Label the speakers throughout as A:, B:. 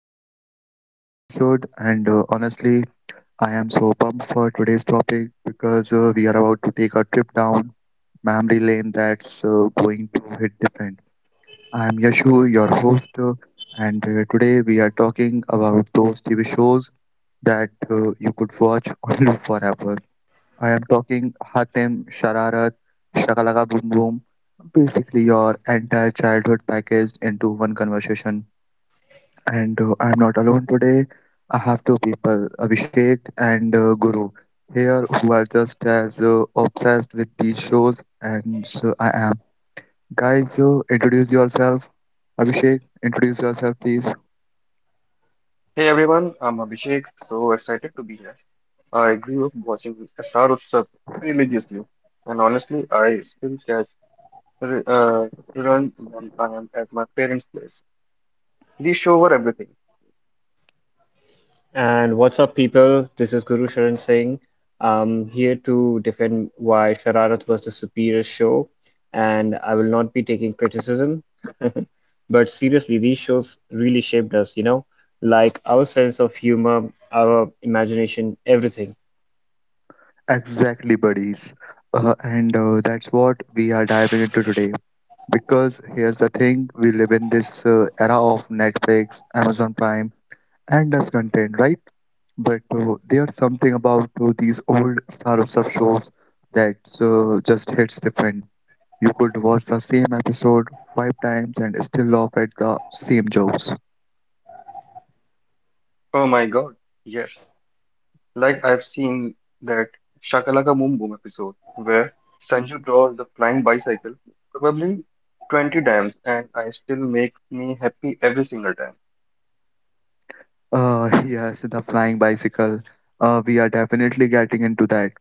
A: welcome back to another episode. And honestly, I am so pumped for today's topic because we are about to take a trip down memory lane that's going to hit different. I am Yashu, your host, and today we are talking about those TV shows that you could watch on loop forever. I am talking Hatem, Shararat, Shakalaka Boom Boom, basically your entire childhood packaged into one conversation. And I'm not alone today. I have two people, Abhishek and Guru, here who are just as obsessed with these shows and so I am. Guys, introduce yourself. Abhishek, introduce yourself, please.
B: Hey everyone, I'm Abhishek. So excited to be here. I grew up watching Star Utsav religiously, and honestly, I still catch r- uh, run when I am at my parents' place. These show were everything.
C: And what's up, people? This is Guru Sharan Singh. I'm here to defend why Shararat was the superior show, and I will not be taking criticism. But seriously, these shows really shaped us, you know, like our sense of humor, our imagination, everything.
A: Exactly, buddies. And that's what we are diving into today. Because here's the thing, we live in this era of Netflix, Amazon Prime, and US content, right? But there's something about these old Star Stuff shows that just hits different. You could watch the same episode five times and still laugh at the same jokes.
B: Oh my God, yes! Like I've seen that Shakalaka Boom Boom episode where Sanju draws the flying bicycle probably 20 times, and I still make me happy every single time.
A: Yes, the flying bicycle. We are definitely getting into that.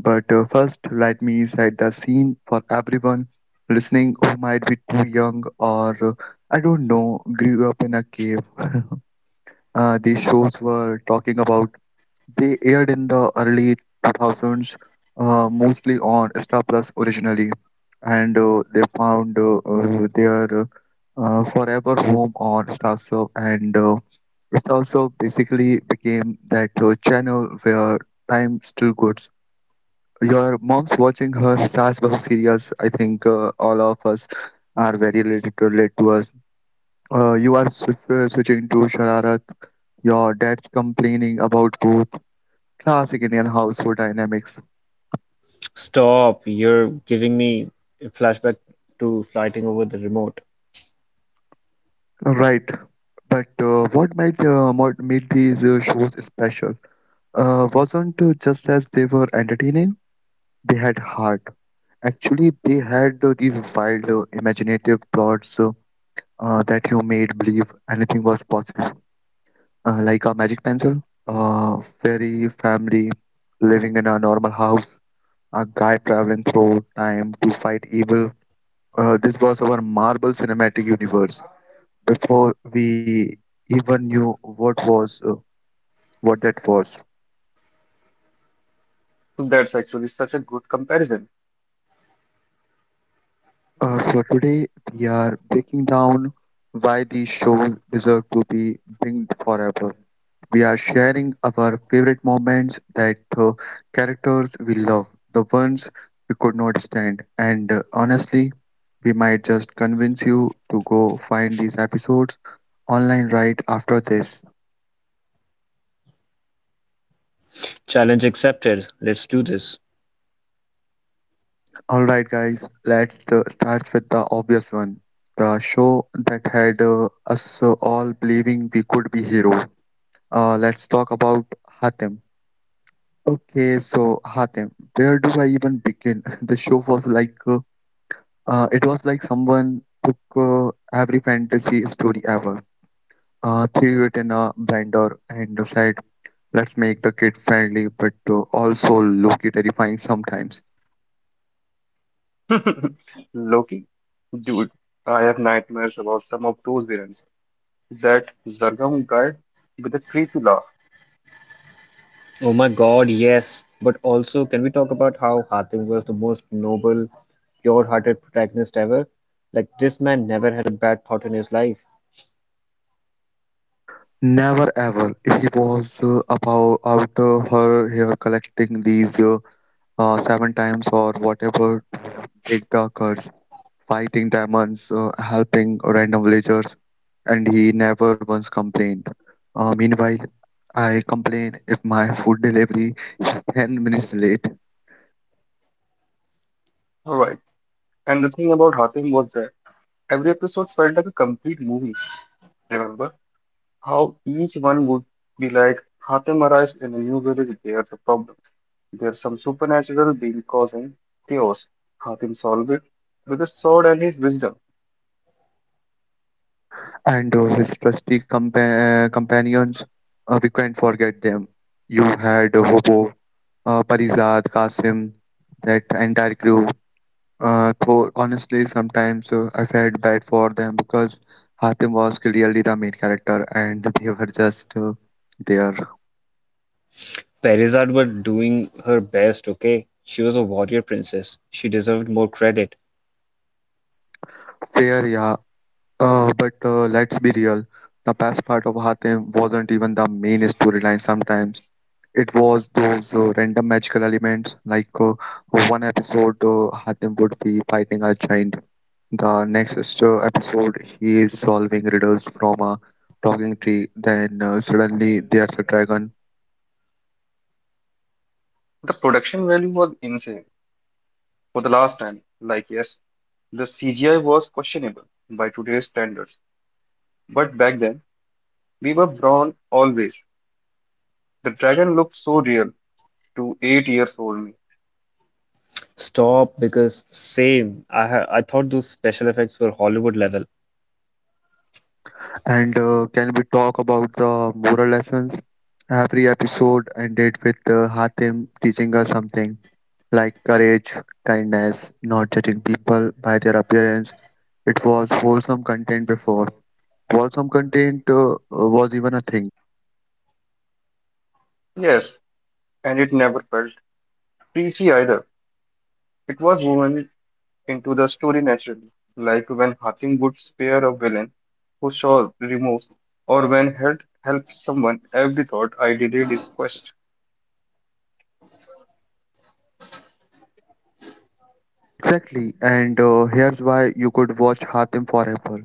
A: But first, let me set the scene for everyone listening who might be too young or, I don't know, grew up in a cave. These shows were talking about. They aired in the early 2000s, mostly on Star Plus originally, and they found their forever home on StarSurf, and StarSurf basically became that channel where time still goes. Your mom's watching her Saas Bahu serials. I think all of us are very relate to us. You are switching to Shararat. Your dad's complaining about both. Classic Indian household dynamics,
C: Stop, you're giving me a flashback to fighting over the remote.
A: right? But what made these shows special wasn't just as they were entertaining; they had heart. Actually, they had these wild, imaginative plots that you made believe anything was possible, like a magic pencil, a fairy family living in a normal house, a guy traveling through time to fight evil. This was our Marvel Cinematic Universe before we even knew what was uh, what that was.
B: So that's actually such a good comparison.
A: So today we are breaking down why these shows deserve to be binged forever. We are sharing our favorite moments that characters we love, the ones we could not stand, and honestly, we might just convince you to go find these episodes online right after this.
C: Challenge accepted. Let's do this.
A: Alright guys, let's start with the obvious one. The show that had us all believing we could be heroes. Let's talk about Hatem. Okay, so Hatem, where do I even begin? The show was like, it was like someone took every fantasy story ever, threw it in a blender and said, let's make the kid friendly but also look terrifying sometimes.
B: Loki dude, I have nightmares about some of those villains. That Zargam guy with the creepy laugh.
C: Oh my God, yes. But also, can we talk about how Hatim was the most noble, pure-hearted protagonist ever? Like, this man never had a bad thought in his life.
A: Never ever. He was about out her here collecting these seven times or whatever to break the curse, fighting demons, helping random villagers, and he never once complained. Meanwhile, I complain if my food delivery 10 minutes late,
B: Alright, and the thing about Hatim was that every episode felt like a complete movie. Remember how each one would be like, Hatim arrives in a new village, there's a problem. There's some supernatural being causing chaos. Hatim solves it with his sword and his wisdom.
A: and his trusty companions, we can't forget them. You had Hobo, Parizad, Qasim, that entire crew. Though honestly, sometimes I felt bad for them because Hatim was clearly the main character and they were just there.
C: Parizad was doing her best, okay? She was a warrior princess. She deserved more credit.
A: Fair, yeah. But let's be real. The best part of Hatim wasn't even the main storyline sometimes. It was those random magical elements, like one episode Hatim would be fighting a giant, the next episode he is solving riddles from a talking tree, then suddenly there's a dragon.
B: The production value was insane for the last time. Like, yes, the CGI was questionable by today's standards. But back then, we were brown always. The dragon looked so real to 8 years old me.
C: Stop, because same. I thought those special effects were Hollywood level.
A: And can we talk about the moral lessons? Every episode ended with Hatim teaching us something like courage, kindness, not judging people by their appearance. It was wholesome content before. Wholesome content was even a thing.
B: Yes, and it never felt preachy either. It was woven into the story naturally, like when Hatim would spare a villain who saw remorse, or when Held helped someone. Every thought I delayed is quest.
A: Exactly, and here's why you could watch Hatim forever.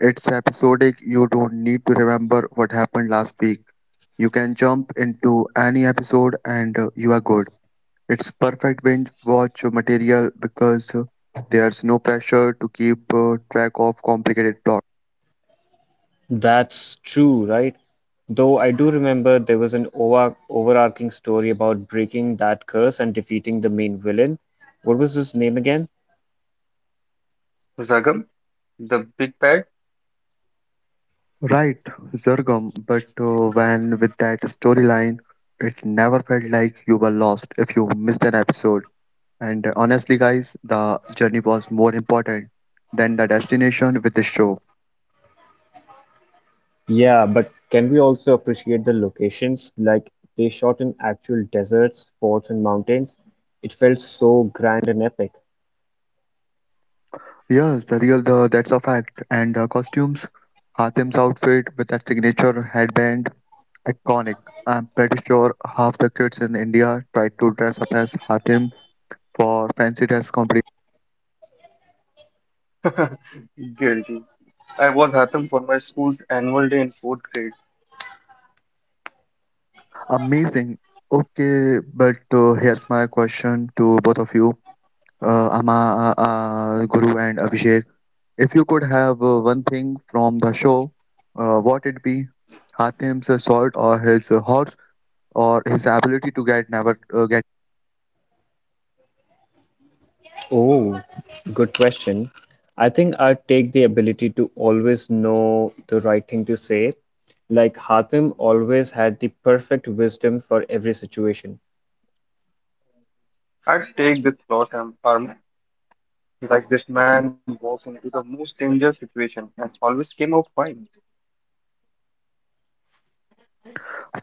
A: It's episodic, you don't need to remember what happened last week. You can jump into any episode and you are good. It's perfect binge watch material because there's no pressure to keep track of complicated plot.
C: That's true, right? Though I do remember there was an overarching story about breaking that curse and defeating the main villain. What was his name again?
B: Zagam, the big bad.
A: Right, Zurgum, but when with that storyline, it never felt like you were lost if you missed an episode. And Honestly, guys, the journey was more important than the destination with the show.
C: Yeah, but can we also appreciate the locations? Like they shot in actual deserts, forts, and mountains. It felt so grand and epic.
A: Yes, the real the that's a fact. And the costumes, Hatim's outfit with that signature headband. Iconic. I'm pretty sure half the kids in India tried to dress up as Hatim for fancy dress competition.
B: Guilty. I was Hatim for my school's annual day in fourth grade.
A: Amazing. Okay, but here's my question to both of you, Guru, and Abhishek. If you could have one thing from the show, what it be? Hatim's sword, or his horse, or his ability to get never get.
C: Oh, good question. I think I take the ability to always know the right thing to say. Like Hatim always had the perfect wisdom for every situation.
B: I'd take this armor. Like this man walked into the most dangerous situation and always came out fine.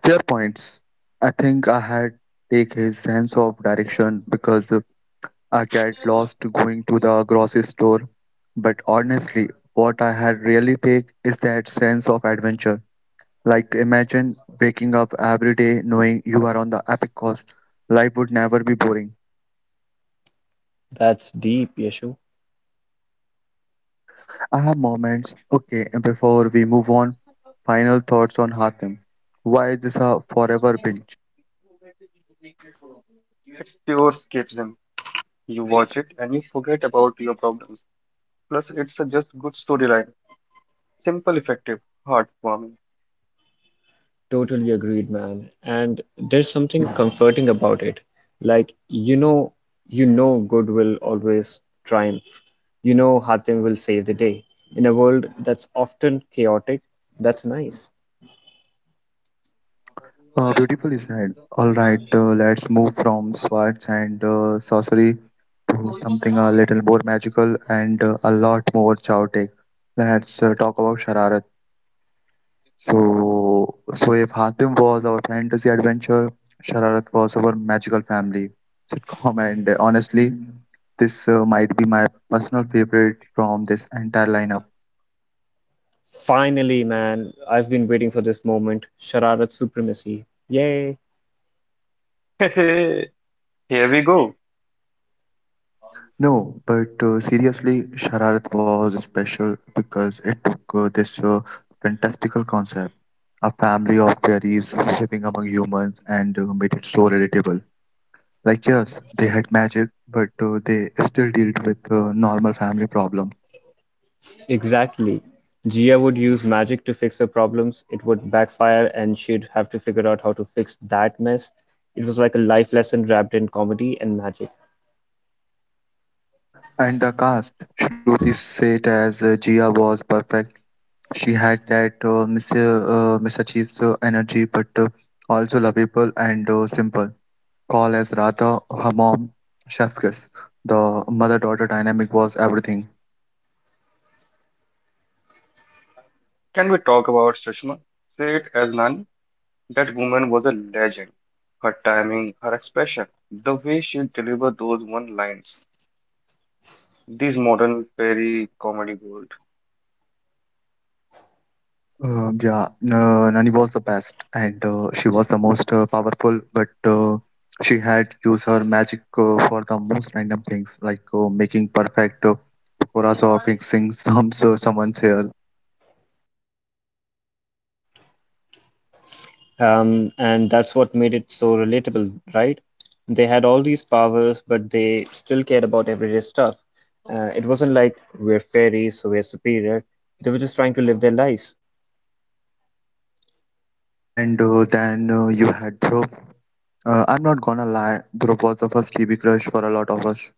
A: Fair points. I think I had take his sense of direction because I get lost going to the grocery store, but honestly, what I had really take is that sense of adventure. Like imagine waking up every day knowing you are on the epic course. Life would never be boring.
C: That's deep, Yeshu.
A: I have moments. Okay, and before we move on, final thoughts on Hatem. Why is this a forever binge?
B: It's pure escapism. You watch it and you forget about your problems. Plus, it's a just good storyline. Simple, effective, heartwarming.
C: Totally agreed, man. And there's something comforting about it. Like, you know good will always triumph. You know Hatim will save the day. In a world that's often chaotic, that's nice.
A: Beautifully said. All right, let's move from swords and sorcery something a little more magical and a lot more chaotic. Let's talk about Shararat. So if Hatim was our fantasy adventure, Shararat was our magical family sitcom, and honestly, this might be my personal favorite from this entire lineup.
C: Finally, man, I've been waiting for this moment. Shararat supremacy. Yay!
B: Here we go.
A: No, but seriously, Shararat was special because it took this fantastical concept, a family of fairies living among humans, and made it so relatable. Like yes, they had magic, but they still dealt with normal family problems.
C: Exactly. Gia would use magic to fix her problems. It would backfire, and she'd have to figure out how to fix that mess. It was like a life lesson wrapped in comedy and magic.
A: And the cast, Shruti said as Gia was perfect. She had that Miss Chief's energy, but also lovable and simple. Call as Radha, her mom, chef's kiss. The mother-daughter dynamic was everything.
B: Can we talk about Sushma? Say it as Nani. That woman was a legend. Her timing, her expression, the way she delivered those one lines. These modern fairy comedy gold.
A: Yeah, Nani was the best, and she was the most powerful. But she had used her magic for the most random things, like making perfect pakoras or fixing someone's hair.
C: And that's what made it so relatable, right? They had all these powers, but they still cared about everyday stuff. It wasn't like we're fairies, so we're superior. They were just trying to live their lives.
A: And then you had Dhruv. I'm not gonna lie, Dhruv was the first TV crush for a lot of us,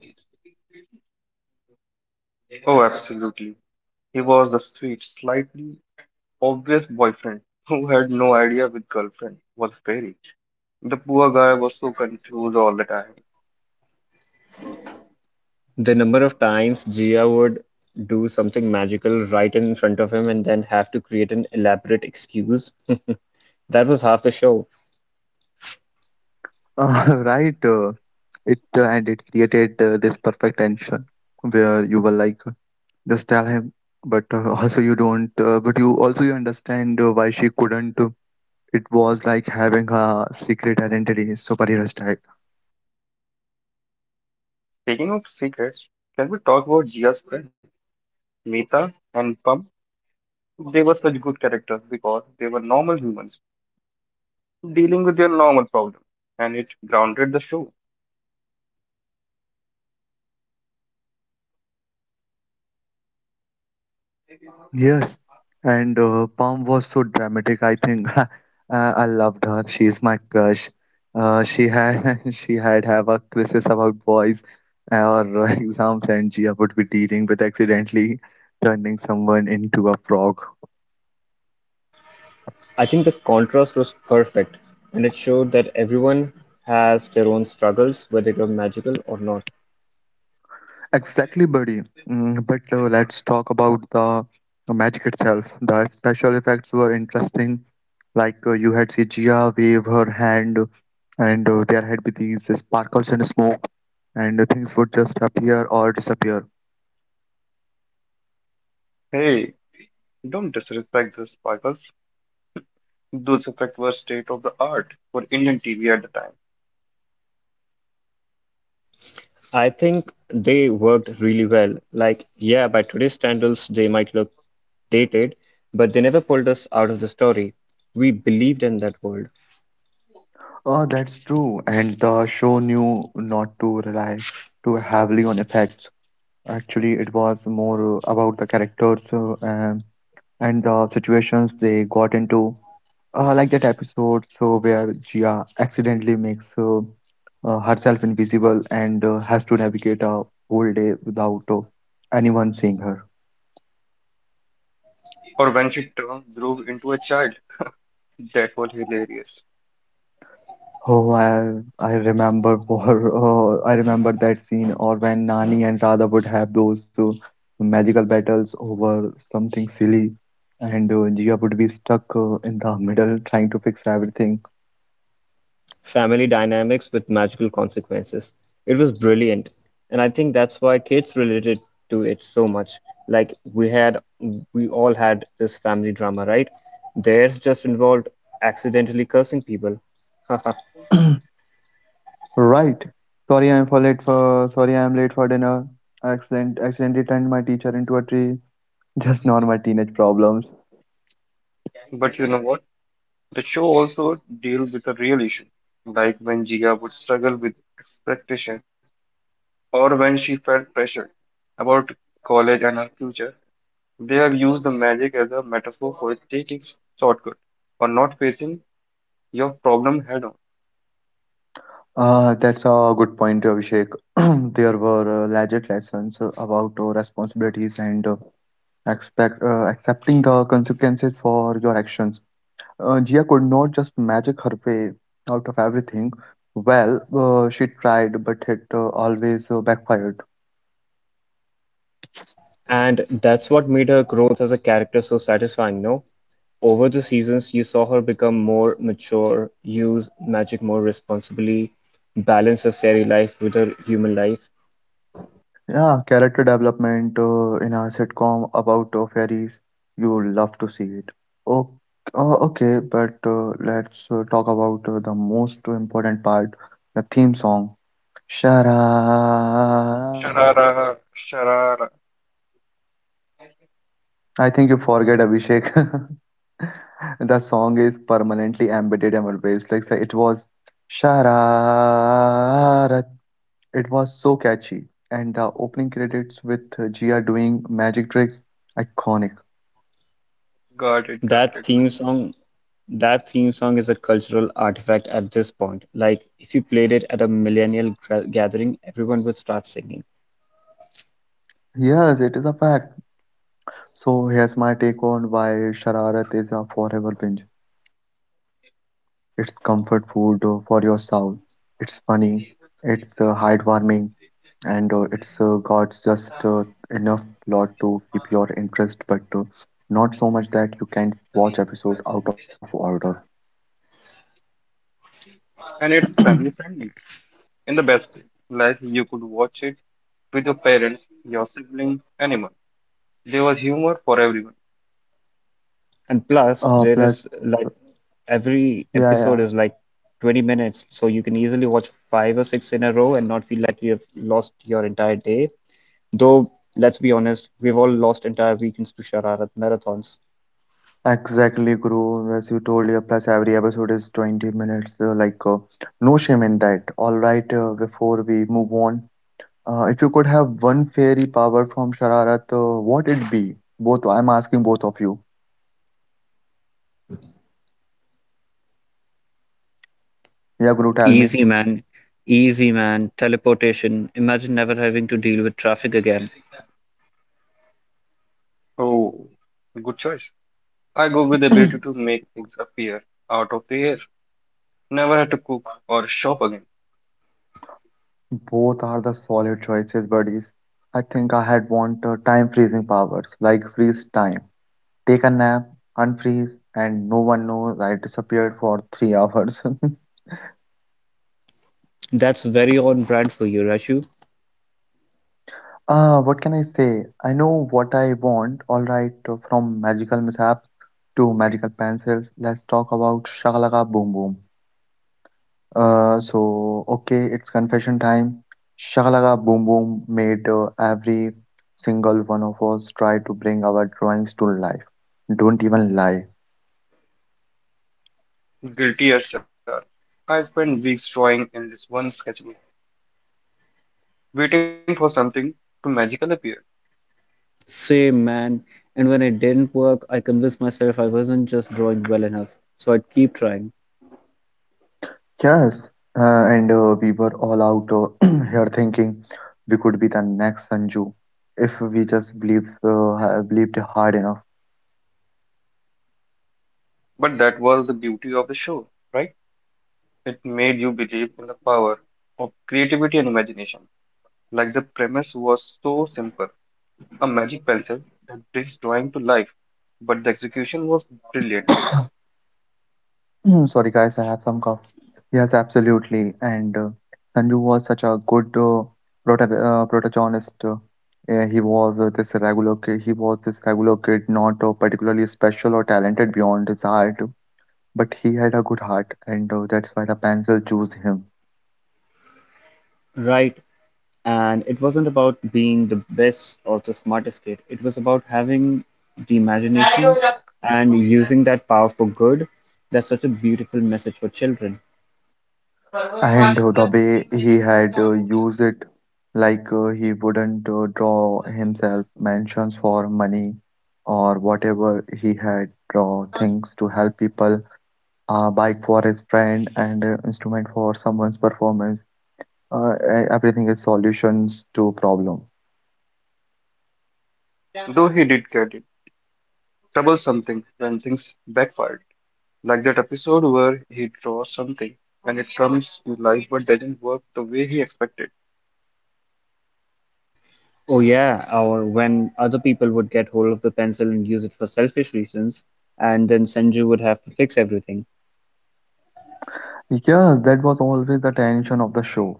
B: Oh, absolutely. He was the sweet, slightly obvious boyfriend who had no idea with girlfriend was a fairy. The poor guy was so confused all the time.
C: The number of times Gia would do something magical right in front of him and then have to create an elaborate excuse, that was half the show.
A: right? It and it created this perfect tension where you were like just tell him, but also you don't, but you also you understand why she couldn't. It was like having a secret identity, superhero style.
B: Speaking of secrets, can we talk about Jia's friend, Mita and Pam? They were such good characters because they were normal humans dealing with your normal problem, and it grounded the show.
A: Yes, and Palm was so dramatic. I think I loved her. She is my crush. She had she had have a crisis about boys or exams, and Gia would be dealing with accidentally turning someone into a frog.
C: I think the contrast was perfect, and it showed that everyone has their own struggles, whether they're magical or not.
A: Exactly, buddy. Mm, but let's talk about the magic itself. The special effects were interesting. Like you had see Gia wave her hand, and there had be these sparkles and smoke, and things would just appear or disappear.
B: Hey, don't disrespect this because those effects were state of the art for Indian TV at the time.
C: I think they worked really well. Like, yeah, by today's standards, they might look dated, but they never pulled us out of the story. We believed in that world,
A: Oh, that's true. And the show knew not to rely too heavily on effects. Actually, it was more about the characters and the situations they got into. Like that episode, where Gia accidentally makes herself invisible and has to navigate a whole day without anyone seeing her.
B: Or when she turned Dhruv into a child, that was hilarious.
A: Oh, I remember for I remember that scene, or when Nani and Radha would have those magical battles over something silly, and Jia would be stuck in the middle trying to fix everything.
C: family dynamics with magical consequences. It was brilliant. And I think that's why kids related to it so much. Like we all had this family drama, right? Theirs just involved accidentally cursing people.
A: Right. Sorry I'm late for dinner. I accidentally turned my teacher into a tree. Just normal teenage problems.
B: But you know what? The show also dealt with a real issue, like when Jia would struggle with expectation or when she felt pressure about college and her future. They have used the magic as a metaphor for taking shortcut or not facing your problem head on.
A: That's a good point, Abhishek. There were legit lessons about responsibilities and expect accepting the consequences for your actions. Jia could not just magic her way out of everything. Well, she tried, but it always backfired.
C: And that's what made her growth as a character so satisfying, no? Over the seasons you saw her become more mature, use magic more responsibly, balance her fairy life with her human life.
A: Yeah, character development in a sitcom about fairies, you love to see it. Oh, okay, but let's talk about the most important part, the theme song. Shararat.
B: Sharara, sharara,
A: I think you forget Abhishek. The song is permanently embedded in our waves. Like it was Shararat. It was so catchy. And the opening credits with Jia doing magic tricks, iconic.
B: got
C: That
B: it, man.
C: theme song that theme song is a cultural artifact at this point. Like if you played it at a millennial gathering, everyone would start singing.
A: Yes, it is a fact. So here's my take on why Shararat is a forever binge. It's comfort food for your soul. It's funny, it's heartwarming, and it's got just enough plot to keep your interest, but not so much that you can watch episode out of order.
B: And it's family friendly in the best way. Like you could watch it with your parents, your sibling, anyone. There was humor for everyone.
C: And plus, there
A: Plus,
C: is like every
A: yeah,
C: episode
A: yeah.
C: is like 20 minutes, so you can easily watch five or six in a row and not feel like you have lost your entire day. Though, let's be honest, we've all lost entire weekends to Shararat marathons.
A: Exactly, Guru. As you told, yeah, plus every episode is 20 minutes. No shame in that. All right, before we move on, if you could have one fairy power from Shararat, what it be? Both, I'm asking both of you. Yeah, Guru, tell me.
C: Easy, man. Easy, man. Teleportation. Imagine never having to deal with traffic again.
B: Oh, good choice. I go with the ability to make things appear out of the air. Never had to cook or shop again.
A: Both are the solid choices, buddies. I think I had want time freezing powers, like freeze time. Take a nap, unfreeze, and no one knows I disappeared for 3 hours.
C: That's very on brand for you, Rashu.
A: Ah, what can I say? I know what I want, alright, from magical mishaps to magical pencils. Let's talk about Shakalaka Boom Boom. Okay, it's confession time. Shakalaka Boom Boom made every single one of us try to bring our drawings to life. Don't even lie.
B: Guilty as charged. I spent weeks drawing in this one sketchbook, waiting for something to magically appear.
C: Same, man. And when it didn't work, I convinced myself I wasn't just drawing well enough. So I'd keep trying.
A: Yes, uh, and we were all out here thinking we could be the next Sanju if we just believed, believed hard enough.
B: But that was the beauty of the show, right? It made you believe in the power of creativity and imagination. Like the premise was so simple, a magic pencil that brings drawing to life, but the execution was brilliant.
A: Mm, sorry, guys, I have some cough. Yes, absolutely. And Sanju was such a good protagonist. Yeah, he was this regular kid. He was this regular kid, not particularly special or talented beyond his heart, but he had a good heart, and that's why the pencil chose him.
C: Right. And it wasn't about being the best or the smartest kid. It was about having the imagination and using that power for good. That's such a beautiful message for children.
A: And the way he had used it, he wouldn't draw himself mansions for money or whatever he had draw things to help people, a bike for his friend and an instrument for someone's performance. Everything is solutions to problem.
B: Though he did get it, trouble something when things backfired, like that episode where he draws something and it comes to life but doesn't work the way he expected,
C: Oh yeah, or when other people would get hold of the pencil and use it for selfish reasons, and then Sanju would have to fix everything.
A: Yeah, that was always the tension of the show.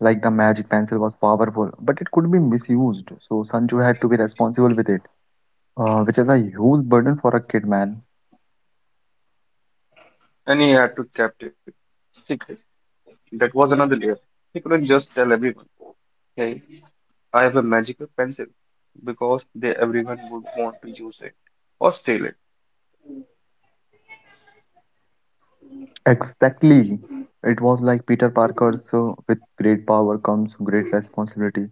A: Like the magic pencil was powerful, but it could be misused. So Sanju had to be responsible with it, which is a huge burden for a kid, man.
B: and he had to keep it secret. That was another layer. He couldn't just tell everyone, "Hey, I have a magical pencil," because they everyone would want to use it or steal it.
A: Exactly. It was like Peter Parker's with great power comes great responsibility,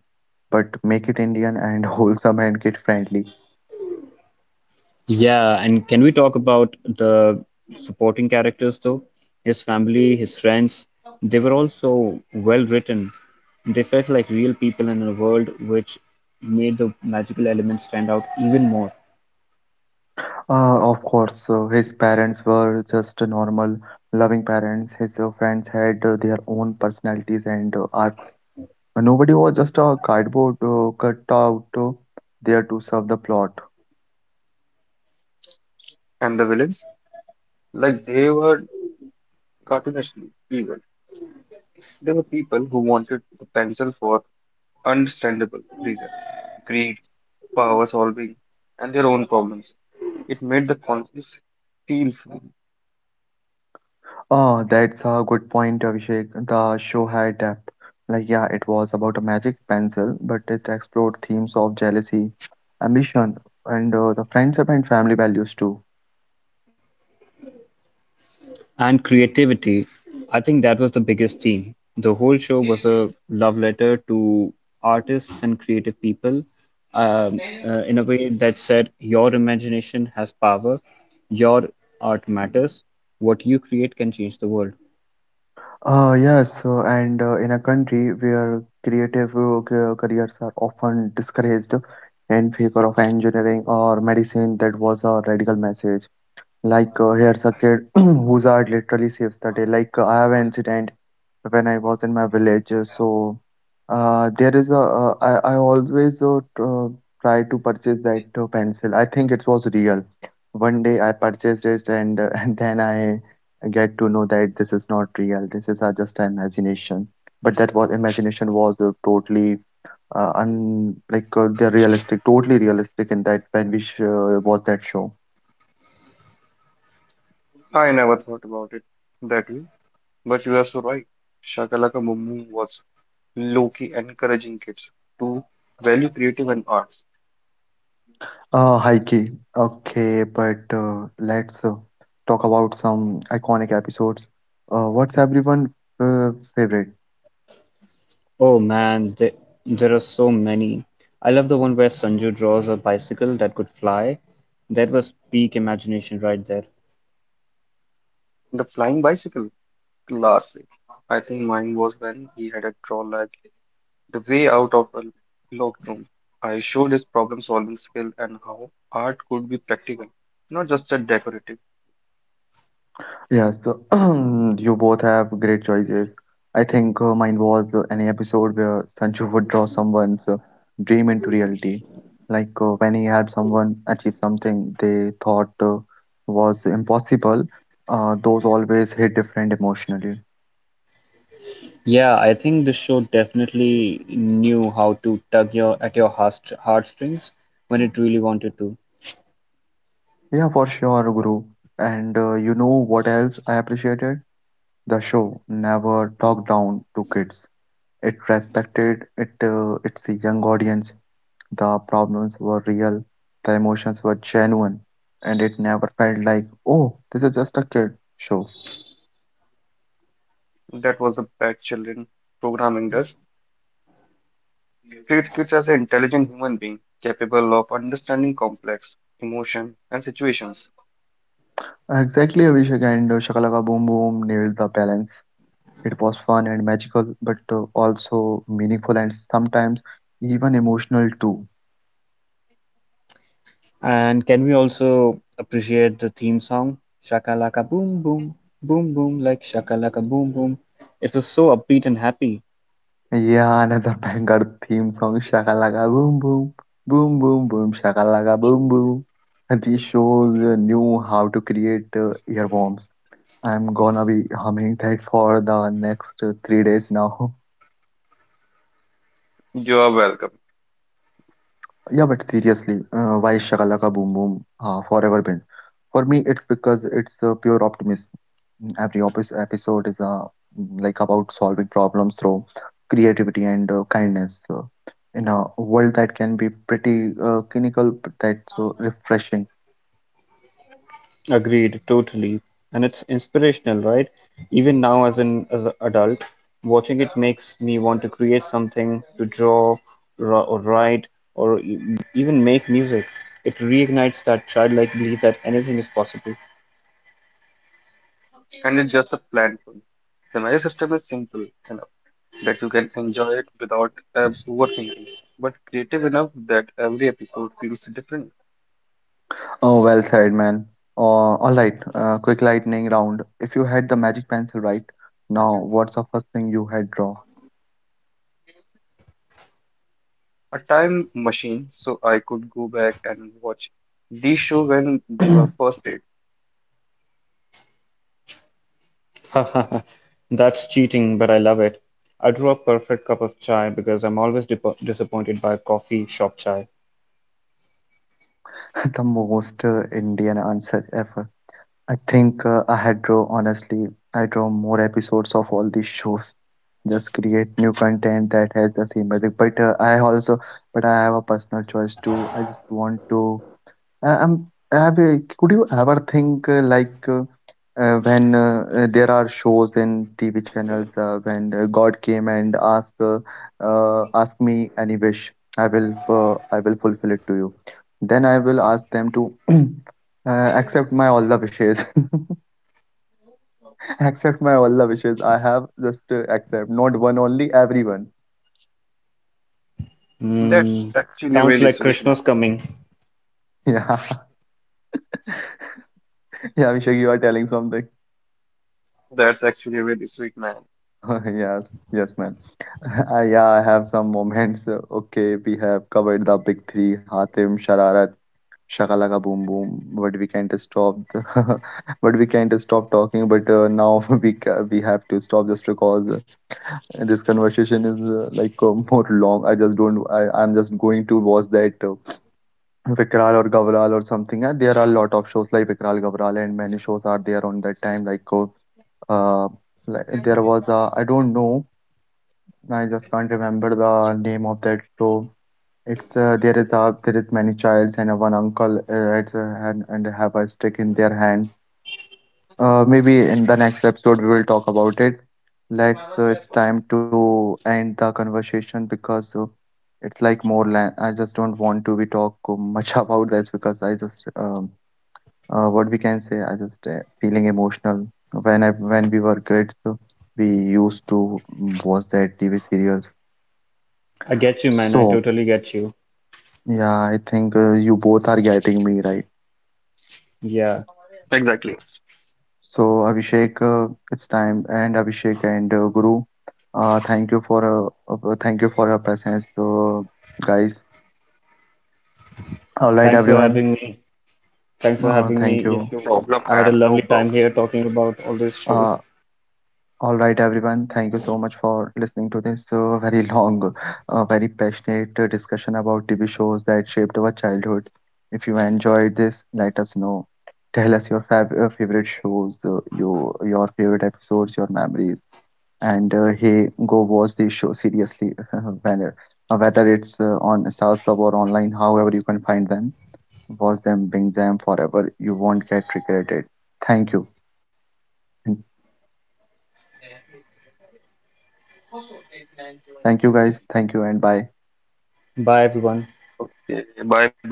A: but make it Indian and wholesome and kid friendly.
C: Yeah, and can we talk about the supporting characters though? His family, his friends, they were all so well written. They felt like real people in a world which made the magical element stand out even more.
A: Of course, so his parents were just a normal, loving parents. His friends had their own personalities and arcs. Nobody was just a cardboard cut out there to serve the plot.
B: And the villains, like they were cartoonishly evil. They were people who wanted the pencil for understandable reasons, greed, power solving, and their own problems. It made the conference feel free.
A: Ah, that's a good point, Abhishek. The show had depth. Like, yeah, it was about a magic pencil, but it explored themes of jealousy, ambition, and the friendship and family values too.
C: And creativity. I think that was the biggest theme. The whole show was a love letter to artists and creative people in a way that said, your imagination has power, your art matters, what you create can change the world.
A: Yes, and in a country where creative careers are often discouraged in favor of engineering or medicine, that was a radical message. Here's a kid whose art literally saves the day. I have an incident when I was in my village. So, there is a, I always try to purchase that pencil. I think it was real. One day I purchased it, and, and then I get to know that this is not real. This is just an imagination. But that was imagination was totally un like the realistic, totally realistic in that when we sh was that show.
B: I never thought about it that way, but you are so right. Shakalaka Mumu was low-key encouraging kids to value creative and arts.
A: Heike, okay, but let's talk about some iconic episodes. What's everyone favorite?
C: Oh man, there are so many. I love the one where Sanju draws a bicycle that could fly. That was peak imagination right there.
B: The flying bicycle classic. I think mine was when he had a draw like the way out of a locked room. I showed his problem-solving skill and how art could be practical, not just a decorative.
A: Yes, you both have great choices. I think mine was any episode where Sanju would draw someone's dream into reality. When he helped someone achieve something they thought was impossible, those always hit different emotionally.
C: Yeah, I think the show definitely knew how to tug your at your heartstrings when it really wanted to.
A: Yeah, for sure, Guru. And you know what else I appreciated? The show never talked down to kids; it respected it its young audience, the problems were real, the emotions were genuine, and it never felt like, oh, this is just a kid show.
B: That was a bad children programming does. Treats kids as an intelligent human being, capable of understanding complex emotion and situations.
A: Exactly, Abhishek, and Shakalaka Boom Boom nailed the balance. It was fun and magical, but also meaningful and sometimes even emotional too.
C: And can we also appreciate the theme song, Shakalaka Boom Boom, Boom Boom, like Shakalaka Boom Boom? It was so upbeat and happy.
A: Yeah, another banger theme song, Shakalaka Boom Boom, Boom Boom Boom, Shakalaka Boom Boom. These shows knew how to create earworms. I'm gonna be humming that for the next 3 days now.
B: You are welcome.
A: Yeah, but seriously, why Shakalaka Boom Boom Forever Been? For me, it's because it's pure optimism. Every opis episode is like about solving problems through creativity and kindness in a world that can be pretty clinical, but that's so refreshing.
C: Agreed, totally. And it's inspirational, right? Even now, as an adult, watching it makes me want to create something, to draw, or write, or even make music. It reignites that childlike belief that anything is possible.
B: And it's just a plan for you. The marriage system is simple enough that you can enjoy it without overthinking, but creative enough that every episode feels different.
A: Oh, well said, man. All right, quick lightning round. If you had the magic pencil right now, what's the first thing you had draw?
B: A time machine, so I could go back and watch these show when they were first made.
C: That's cheating, but I love it. I drew a perfect cup of chai because I'm always disappointed by coffee shop chai.
A: The most Indian answer ever. I think I had draw honestly, I draw more episodes of all these shows. Just create new content that has the same magic. But I have a personal choice too. I just want to uh, Um, have you, could you ever think like when there are shows in TV channels when God came and asked ask me any wish, I will fulfill it to you. Then I will ask them to accept my all the wishes, accept my all the wishes. I have just accept not one only, everyone.
B: That's
C: Mm,
B: actually
C: sounds
B: really
C: like
B: sweet, man.
C: Christmas coming.
A: Yeah, yeah, Abhishek, you are telling something.
B: That's actually really sweet, man.
A: Yes, yes, man. Yeah, I have some moments. Okay, we have covered the big three, Hatim, Shararat, Shakalaka Boom Boom, but we can't stop the, but we can't stop talking. But now we have to stop just because this conversation is more long. I just don't. I'm just going to watch that Vikral or Gavral or something. And there are a lot of shows like Vikral, Gavral, and many shows are there on that time. Uh, like there was a, I don't know. I just can't remember the name of that show. It's there is a there is many childs and one uncle it's, and have a stick in their hands. Maybe in the next episode we will talk about it. Let's it's time to end the conversation because it's like more land. I just don't want to be talk much about this because I just what we can say. I just feeling emotional when I when we were kids. We used to watch that TV serials.
C: I get you, man. I
A: So.
C: totally get you.
A: Yeah, I think you both are getting me right.
C: Yeah.
B: Exactly.
A: So, Abhishek, it's time, and Abhishek and Guru, thank you for your presence, guys. All right,
C: Thanks for
A: everyone,
C: having me. Thanks for having me,
A: thank
B: No
A: you.
C: Yashu.
B: problem,
C: I had a
B: man. No
C: lovely time
B: problem.
C: here talking about all these
A: Uh,
C: shows.
A: all right, everyone, thank you so much for listening to this very long, very passionate discussion about TV shows that shaped our childhood. If you enjoyed this, let us know. Tell us your favorite shows, your favorite episodes, your memories, and hey, go watch the show seriously. Whether Whether it's on StarSub or online, however you can find them, watch them, binge them forever. You won't get regretted. Thank you, thank you guys. Thank you and bye.
C: Bye, everyone.
B: Okay, bye, bro.